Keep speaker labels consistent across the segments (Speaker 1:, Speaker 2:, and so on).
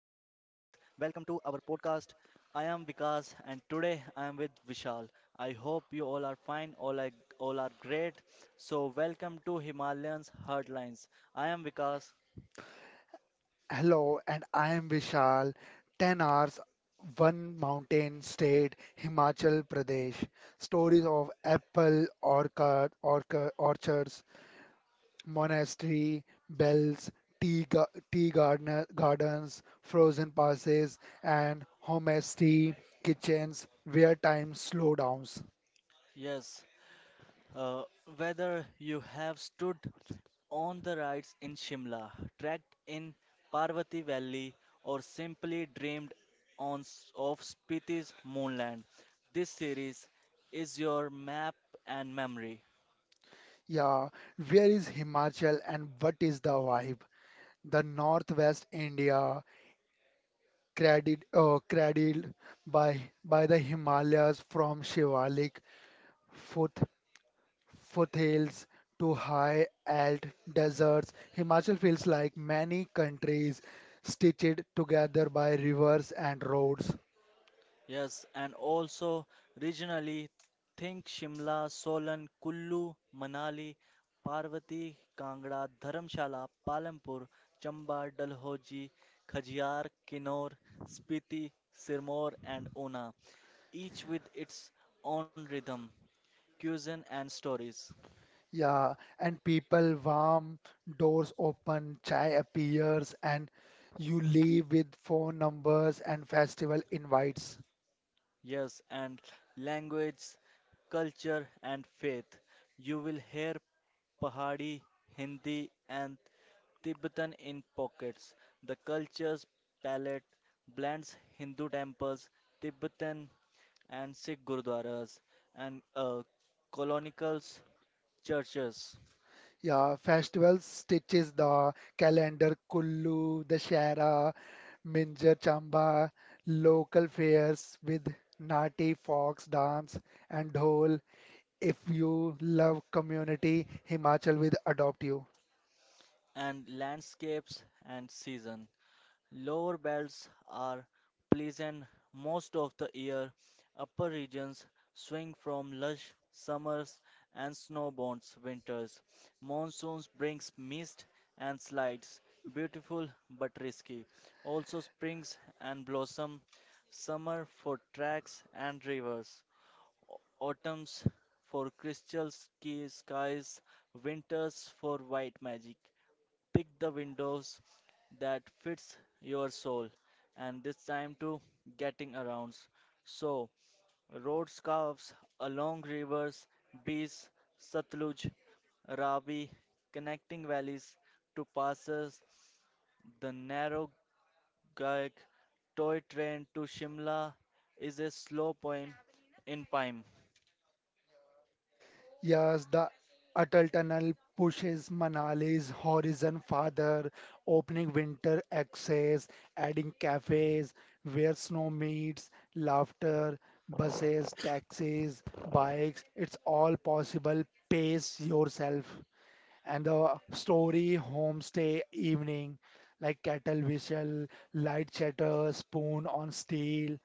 Speaker 1: Welcome to our podcast. I am Vikas, and today I am with Vishal. I hope you all are fine, all are great. So, welcome to Himalayans Hardlines. I am Vikas.
Speaker 2: Hello, and I am Vishal. 10 hours, one mountain state, Himachal Pradesh. Stories of apple orchard, orchard orchards, monastery, bells, tea gardens, frozen passes, and homestay kitchens where time slow downs.
Speaker 1: Yes, uh, whether you have stood on the rides in Shimla, trekked in Parvati Valley, or simply dreamed of Spiti's moonland. This series is your map and memory.
Speaker 2: Yeah, where is Himachal and what is the vibe? The Northwest India cradled by the Himalayas from Shivalik foot, foothills to high alt deserts. Himachal feels like many countries stitched together by rivers and roads.
Speaker 1: Yes, and also regionally, think Shimla, Solan, Kullu, Manali, Parvati, Kangra, Dharamshala, Palampur, Chamba, Dalhousie, Khajjar, Kinnaur, Spiti, Sirmaur, and Una, each with its own rhythm, cuisine, and stories.
Speaker 2: Yeah, and people warm, doors open, chai appears, and you leave with phone numbers and festival invites.
Speaker 1: Yes, and language, culture, and faith. You will hear Pahadi, Hindi, and Tibetan in pockets. The culture's palette blends Hindu temples, Tibetan and Sikh gurdwaras, and colonials, churches,
Speaker 2: Yeah, festivals stitches the calendar, Kullu, Dashera, Minjar Chamba, local fairs with Nati, fox dance, and dhol. If you love community, Himachal will adopt you.
Speaker 1: and landscapes and seasons. Lower belts are pleasant most of the year. Upper regions swing from lush summers and snowbound winters. Monsoons brings mist and slides, beautiful but risky. Also springs and blossom, summer for tracks and rivers, autumns for crystal ski skies, winters for white magic. Pick the windows that fits your soul, and this time to getting around. So road curves along rivers, bees Satluj, Ravi, connecting valleys to passes. The narrow gauge toy train to Shimla is a slow poem.
Speaker 2: Yes, the Atal Tunnel pushes Manali's horizon farther, opening winter access, adding cafes where snow meets, laughter, buses, taxis, bikes. It's all possible. Pace yourself and the story, homestay, evening, like kettle whistle, light chatter, spoon on steel,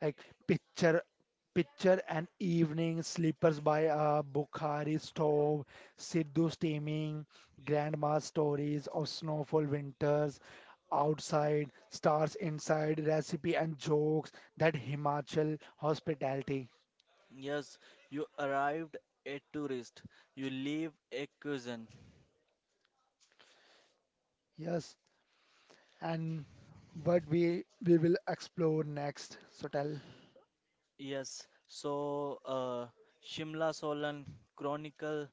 Speaker 2: like picture, picture and evening, slippers by a Bukhari stove, Sidhu steaming, grandma stories of snowfall winters, outside, stars inside, recipe and jokes, that Himachal hospitality.
Speaker 1: Yes, you arrived a tourist, you leave a cousin.
Speaker 2: Yes, and what we will explore next. So tell.
Speaker 1: Yes, so Shimla Solan Chronicle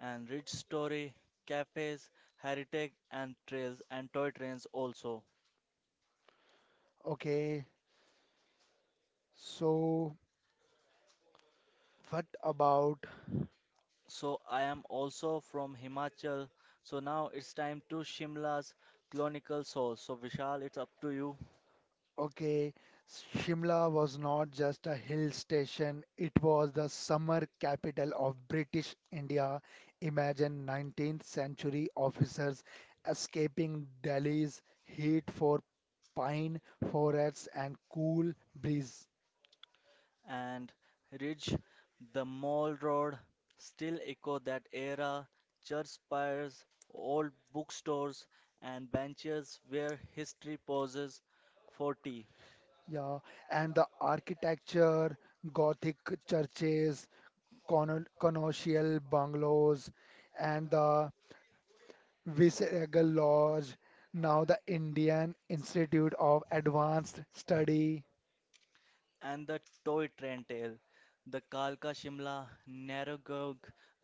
Speaker 1: and Rich Story, cafes, heritage and trails and toy trains also.
Speaker 2: Okay, so what about,
Speaker 1: So I am also from Himachal. So now it's time to Shimla's Chronicle Soul. So Vishal, it's up to you.
Speaker 2: okay, Shimla was not just a hill station, it was the summer capital of British India. Imagine 19th century officers escaping Delhi's heat for pine forests and cool breeze.
Speaker 1: And Ridge, the Mall Road, still echo that era. Church spires, old bookstores and benches where history pauses for tea.
Speaker 2: Yeah, and the architecture, Gothic churches, colonial bungalows, and the Visayagar Lodge, now the Indian Institute of Advanced Study.
Speaker 1: And the toy train tale. The Kalka Shimla Narragaon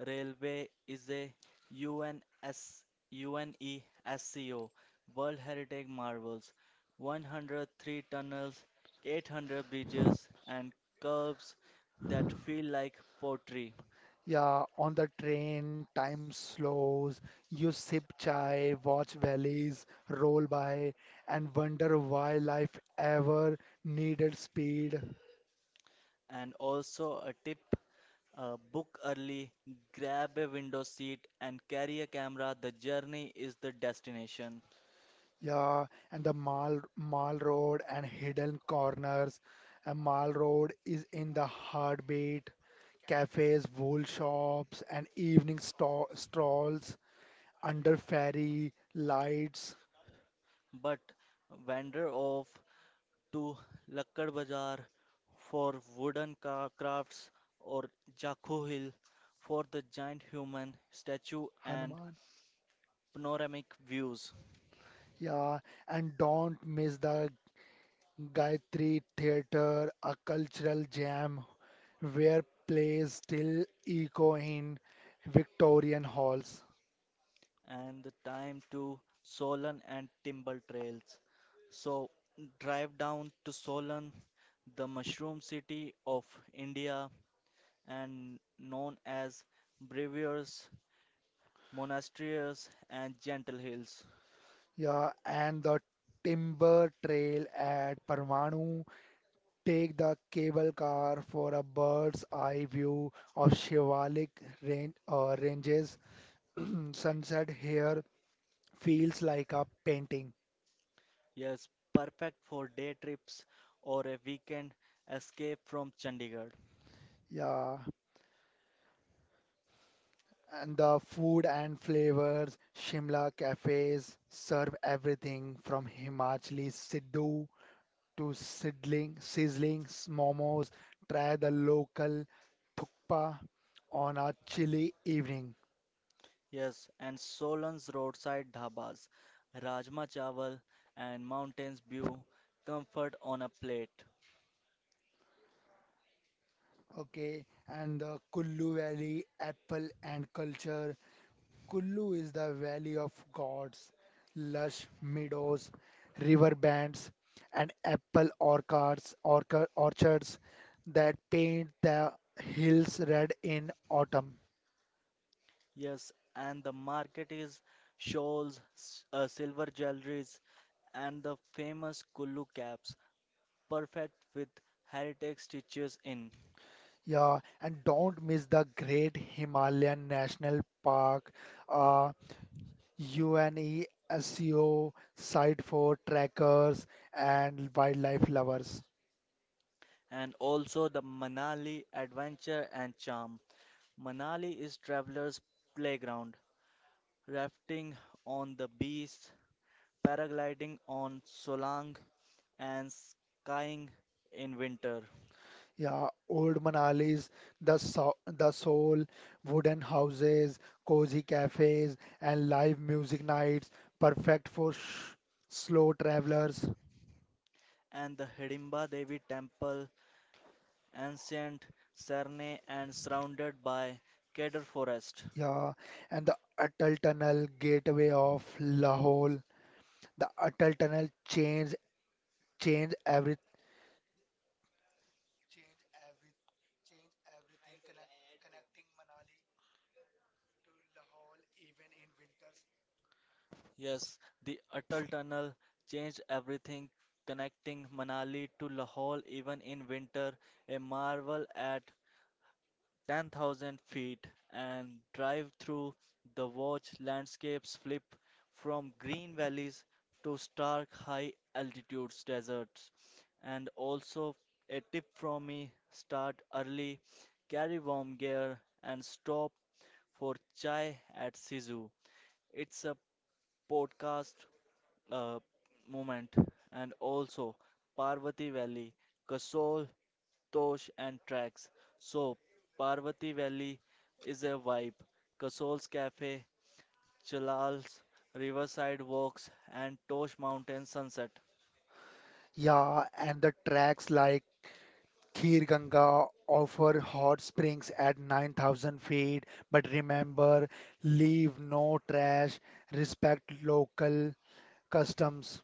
Speaker 1: Railway is a UNS, UNESCO World Heritage Marvels, 103 tunnels, 800 bridges, and curves that feel like pottery.
Speaker 2: Yeah, on the train, time slows. You sip chai, watch valleys roll by, and wonder why life ever needed speed.
Speaker 1: And also a tip, book early, grab a window seat, and carry a camera. The journey is the destination.
Speaker 2: Yeah, and the Mall Road and hidden corners. And Mall Road is in the heartbeat. Cafes, wool shops, and evening stalls under fairy lights.
Speaker 1: But wander off to Lakkad Bazaar for wooden crafts or Jakho Hill for the giant human statue and
Speaker 2: Hanuman.
Speaker 1: panoramic views,
Speaker 2: Yeah, and don't miss the Gayatri Theatre, a cultural gem where plays still echo in Victorian halls.
Speaker 1: and the time to Solan and Timble trails. So, drive down to Solan, the mushroom city of India, and known as Breviers, Monasteries, and Gentle Hills.
Speaker 2: Yeah, and the Timber Trail at Parvanu. Take the cable car for a bird's eye view of Shivalik ranges. Sunset here feels like a painting.
Speaker 1: Yes, perfect for day trips or a weekend escape from Chandigarh.
Speaker 2: Yeah. And the food and flavors, Shimla cafes serve everything from Himachali siddu to sizzling momos. Try the local thukpa on a chilly evening.
Speaker 1: Yes, and Solan's roadside dhabas, Rajma Chawal and mountains view, comfort on a plate.
Speaker 2: Okay. And the Kullu Valley apple and culture. Kullu is the valley of gods, lush meadows, river bands, and orchards that paint the hills red in autumn.
Speaker 1: Yes, and the market is shawls, silver jewelries, and the famous Kullu caps, perfect with heritage stitches in.
Speaker 2: Yeah, and don't miss the Great Himalayan National Park, a UNESCO site for trekkers and wildlife lovers.
Speaker 1: And also the Manali adventure and charm. Manali is traveler's playground, rafting on the beach, paragliding on Solang, and skiing in winter.
Speaker 2: Yeah, old Manali's, the soul, wooden houses, cozy cafes, and live music nights, perfect for sh slow travelers.
Speaker 1: And the Hidimba Devi Temple, ancient Serne and surrounded by Kedar Forest.
Speaker 2: Yeah, and the Atal Tunnel, gateway of Lahore.
Speaker 1: Yes, the Atal Tunnel changed everything, connecting Manali to Lahore even in winter, a marvel at 10,000 feet, and drive through the watch landscapes flip from green valleys to stark high altitudes deserts. And also, a tip from me, start early, carry warm gear, and stop for chai at Sizu. It's a podcast uh, moment, and also Parvati Valley, Kasol Tosh and tracks. So Parvati Valley is a vibe. Casol's Cafe, Chalal's Riverside Walks and Tosh Mountain Sunset.
Speaker 2: Yeah, and the tracks like Khir Ganga offer hot springs at 9,000 feet, but remember, leave no trash, respect local customs.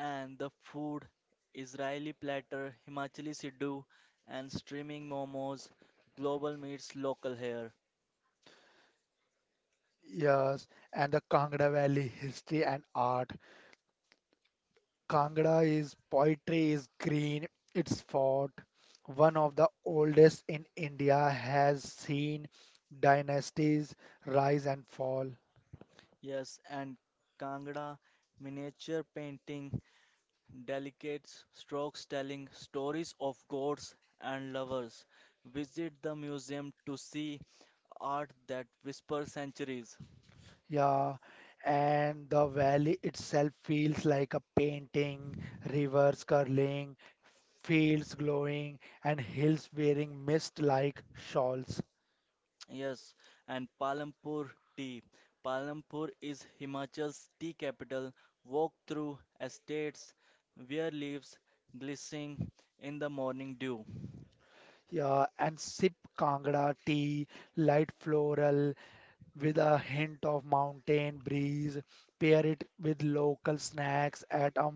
Speaker 1: And the food, Israeli platter, Himachali Sidhu and streaming momos, global meets local here.
Speaker 2: Yes, and the Kangra Valley history and art. Kangra is poetry is green, it's fort. One of the oldest in India has seen dynasties rise and fall.
Speaker 1: Yes, and Kangra miniature painting, delicate strokes telling stories of gods and lovers. Visit the museum to see art that whispers centuries.
Speaker 2: Yeah, and the valley itself feels like a painting, rivers curling, fields glowing, and hills wearing mist-like shawls.
Speaker 1: Yes, and Palampur tea. Palampur is Himachal's tea capital. Walk through estates where leaves glistening in the morning dew.
Speaker 2: Yeah, and sip Kangra tea, light floral with a hint of mountain breeze. Pair it with local snacks at a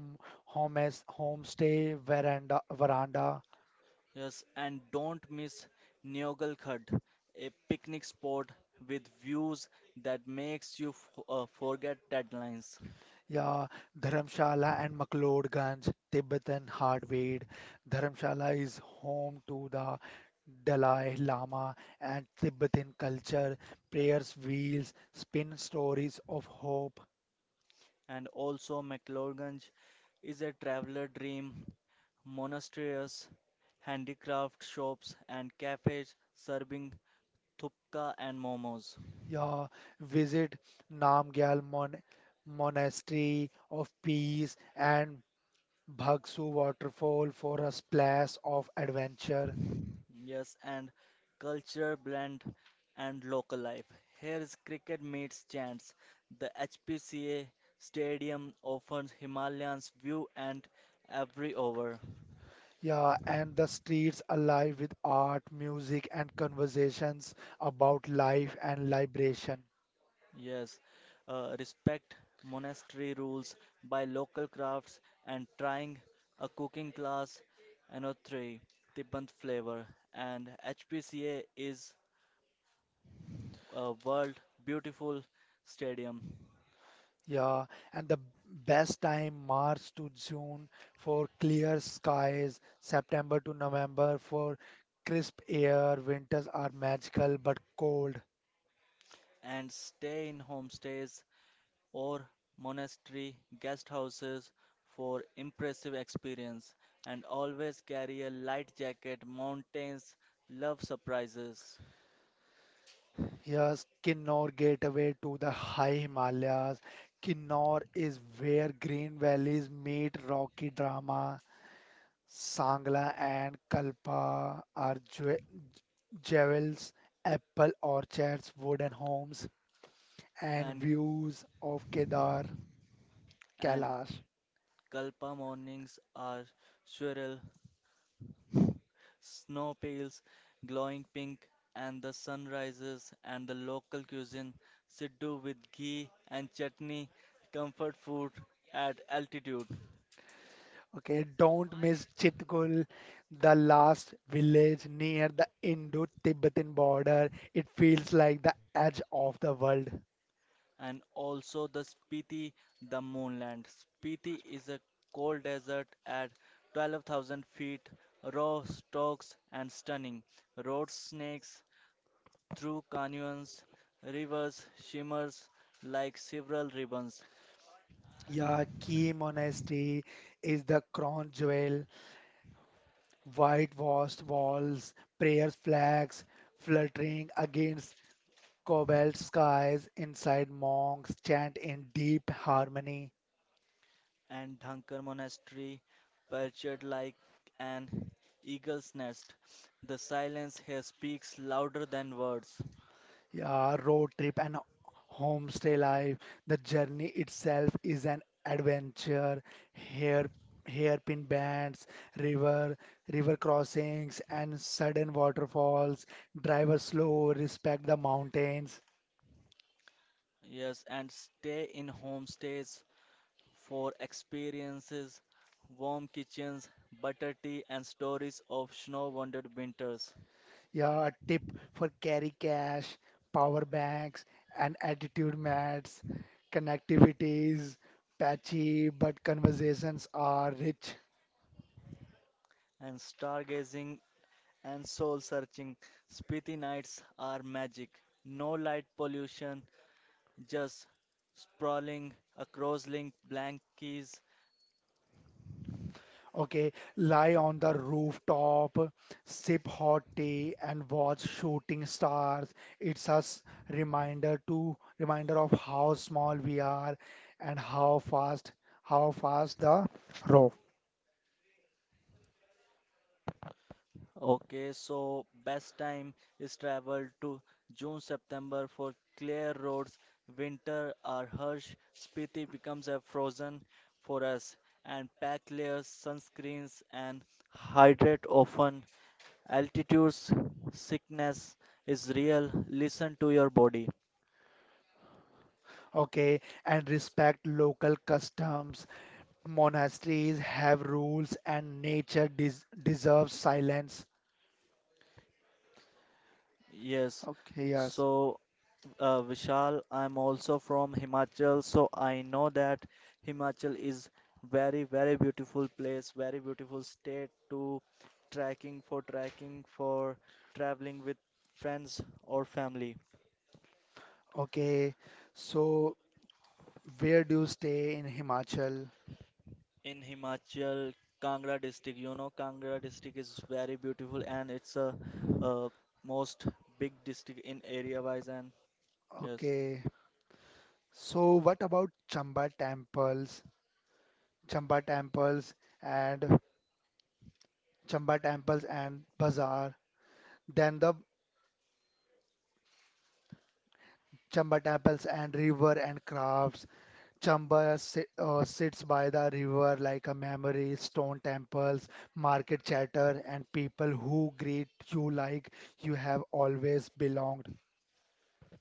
Speaker 2: homestay veranda.
Speaker 1: Yes, and don't miss Neogal Khad, a picnic spot with views that makes you forget deadlines.
Speaker 2: Yeah, Dharamshala and McLeodganj, Tibetan hardware. Dharamshala is home to the Dalai Lama and Tibetan culture, prayers, wheels, spin stories of hope.
Speaker 1: And also McLeodganj is a traveler dream, monasteries, handicraft shops, and cafes serving thupka and momos.
Speaker 2: Yeah, visit Namgyal Mon Monastery of Peace and Bhagsu Waterfall for a splash of adventure.
Speaker 1: Yes, and cultural blend and local life. Here's cricket meets chants. The HPCA stadium offers Himalayans view and every over.
Speaker 2: Yeah, and the streets alive with art, music, and conversations about life and liberation.
Speaker 1: Yes, Respect monastery rules by local crafts and trying a cooking class and a three Tibbant flavor, and HPCA is a world beautiful stadium,
Speaker 2: Yeah, and the best time March to June for clear skies, September to November for crisp air. Winters are magical but cold.
Speaker 1: and stay in homestays or monastery guest houses for impressive experience, and always carry a light jacket. Mountains love surprises.
Speaker 2: Yes, Kinnor gateway to the high Himalayas. Kinnor is where green valleys meet rocky drama. Sangla and Kalpa are jewels, apple orchards, wooden homes, and
Speaker 1: and
Speaker 2: views of Kedar
Speaker 1: and
Speaker 2: Kailash.
Speaker 1: Kalpa mornings are surreal, snow pales glowing pink, and the sun rises, and the local cuisine, siddu with ghee and chutney, comfort food at altitude,
Speaker 2: Okay, don't miss Chitkul, the last village near the Indo-Tibetan border. It feels like the edge of the world.
Speaker 1: and also the Spiti, the moonland. Spiti is a cold desert at 12,000 feet, raw stalks and stunning. Road snakes through canyons, rivers shimmers like several ribbons,
Speaker 2: Yeah, Key Monastery is the crown jewel. Whitewashed walls, prayer flags fluttering against cobalt skies. Inside, monks chant in deep harmony.
Speaker 1: and Dhankar Monastery, perched like an eagle's nest. The silence here speaks louder than words.
Speaker 2: Yeah, road trip and homestay life. The journey itself is an adventure. Hair, hairpin bends, river, river crossings, and sudden waterfalls. Drive slow, respect the mountains.
Speaker 1: Yes, and stay in homestays for experiences, warm kitchens, butter tea, and stories of snow wounded winters,
Speaker 2: Yeah, a tip for carry cash, power banks, and attitude mats. Connectivity is patchy, but conversations are rich.
Speaker 1: and stargazing and soul searching. Spiti nights are magic. No light pollution, just sprawling across link blank keys.
Speaker 2: Okay, lie on the rooftop, sip hot tea, and watch shooting stars. It's a reminder of how small we are and how fast the rope.
Speaker 1: Okay, so best time is travel to June September for clear roads. Winter are harsh, Spiti becomes a frozen for us, and pack layers, sunscreens and hydrate often. Altitudes sickness is real. Listen to your body.
Speaker 2: Okay, and respect local customs. Monasteries have rules, and nature deserves silence.
Speaker 1: Yes.
Speaker 2: Okay, yes.
Speaker 1: So, Vishal, I'm also from Himachal, so I know that Himachal is very, very beautiful place, very beautiful state to trekking for traveling with friends or family.
Speaker 2: Okay, so where do you stay in Himachal?
Speaker 1: In Himachal, Kangra district, you know, Kangra district is very beautiful and it's a, uh most big district in area wise and yes.
Speaker 2: Okay. So what about Chamba temples and Chamba temples and bazaar, then the Chamba temples and river and crafts. Chamba sits by the river like a memory, stone temples, market chatter and people who greet you like you have always belonged.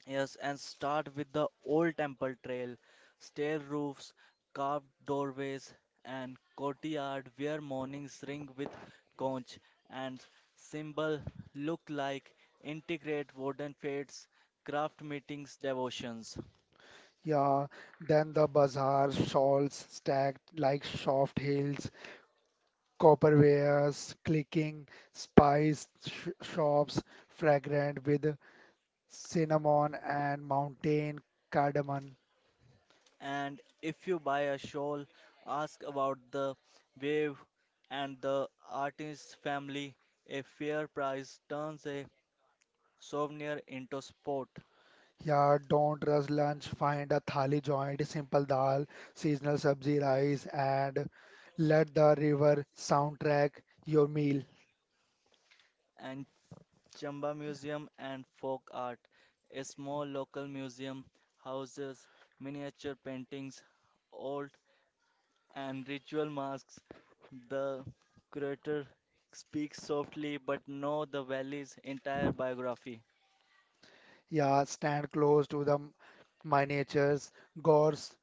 Speaker 1: Yes, and start with the old temple trail, stair roofs, carved doorways, and courtyard where mornings ring with conch and symbol, look like integrate wooden fates, craft meetings, devotions.
Speaker 2: Yeah, then the bazaar shawls stacked like soft hills, copperwares, clicking, spice sh- shops, fragrant with cinnamon and mountain cardamom.
Speaker 1: And if you buy a shawl, ask about the wave and the artist's family. A fair price turns a souvenir into sport.
Speaker 2: Yeah, don't rush lunch. Find a thali joint, simple dal, seasonal sabzi rice, and let the river soundtrack your meal.
Speaker 1: And Chamba Museum and Folk Art. A small local museum houses miniature paintings, old and ritual masks. The curator speaks softly but know the valley's entire biography,
Speaker 2: Yeah, stand close to the miniatures, gorse,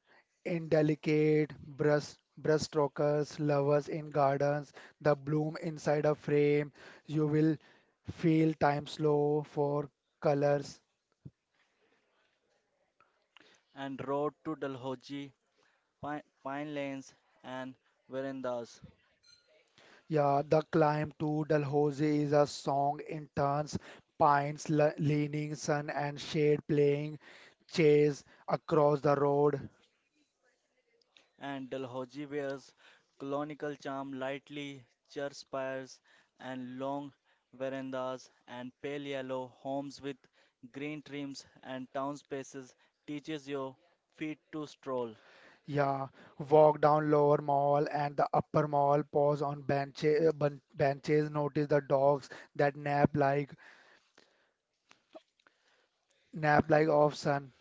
Speaker 2: indelicate brushstrokes, lovers in gardens, the bloom inside a frame. You will feel time slow for colors.
Speaker 1: and road to Dalhousie, Pine Lanes, and Verandas.
Speaker 2: Yeah, the climb to Dalhousie is a song in turns, pines leaning, sun and shade playing, chase across the road.
Speaker 1: And Dalhousie wears colonial charm, lightly church spires and long verandas and pale yellow homes with green trims, and town spaces teaches your feet to stroll.
Speaker 2: Yeah, walk down lower mall and the upper mall, pause on benches, notice the dogs that nap like off sun.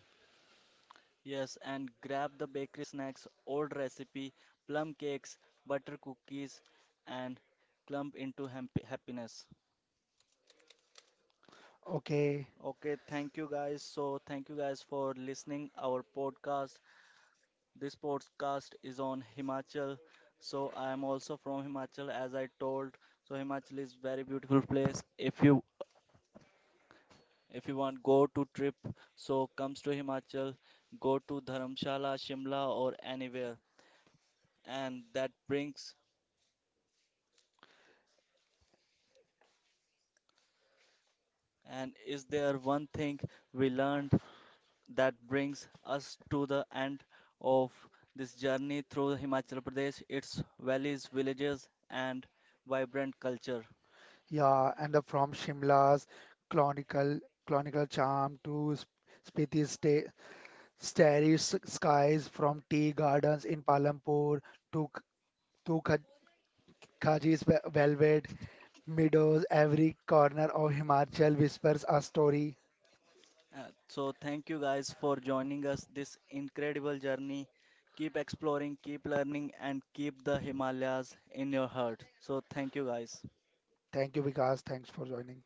Speaker 1: Yes, and grab the bakery snacks, old recipe, plum cakes, butter cookies, and clump into happiness.
Speaker 2: Okay,
Speaker 1: Okay, thank you guys. So, thank you guys for listening our podcast. This podcast is on Himachal. So I am also from Himachal as I told. So Himachal is very beautiful place. If you want go to trip, so comes to Himachal, go to Dharamshala, Shimla or anywhere. And that brings and Is there one thing we learned that brings us to the end of this journey through Himachal Pradesh, its valleys, villages and vibrant culture.
Speaker 2: yeah, and the from Shimla's clonical clonical charm to Spiti's starry skies, from tea gardens in Palampur to to Kha- Khaji's velvet meadows, every corner of Himachal whispers a story.
Speaker 1: So, thank you guys for joining us this incredible journey. Keep exploring, keep learning, and keep the Himalayas in your heart. So, thank you guys.
Speaker 2: Thank you, Vikas. Thanks for joining.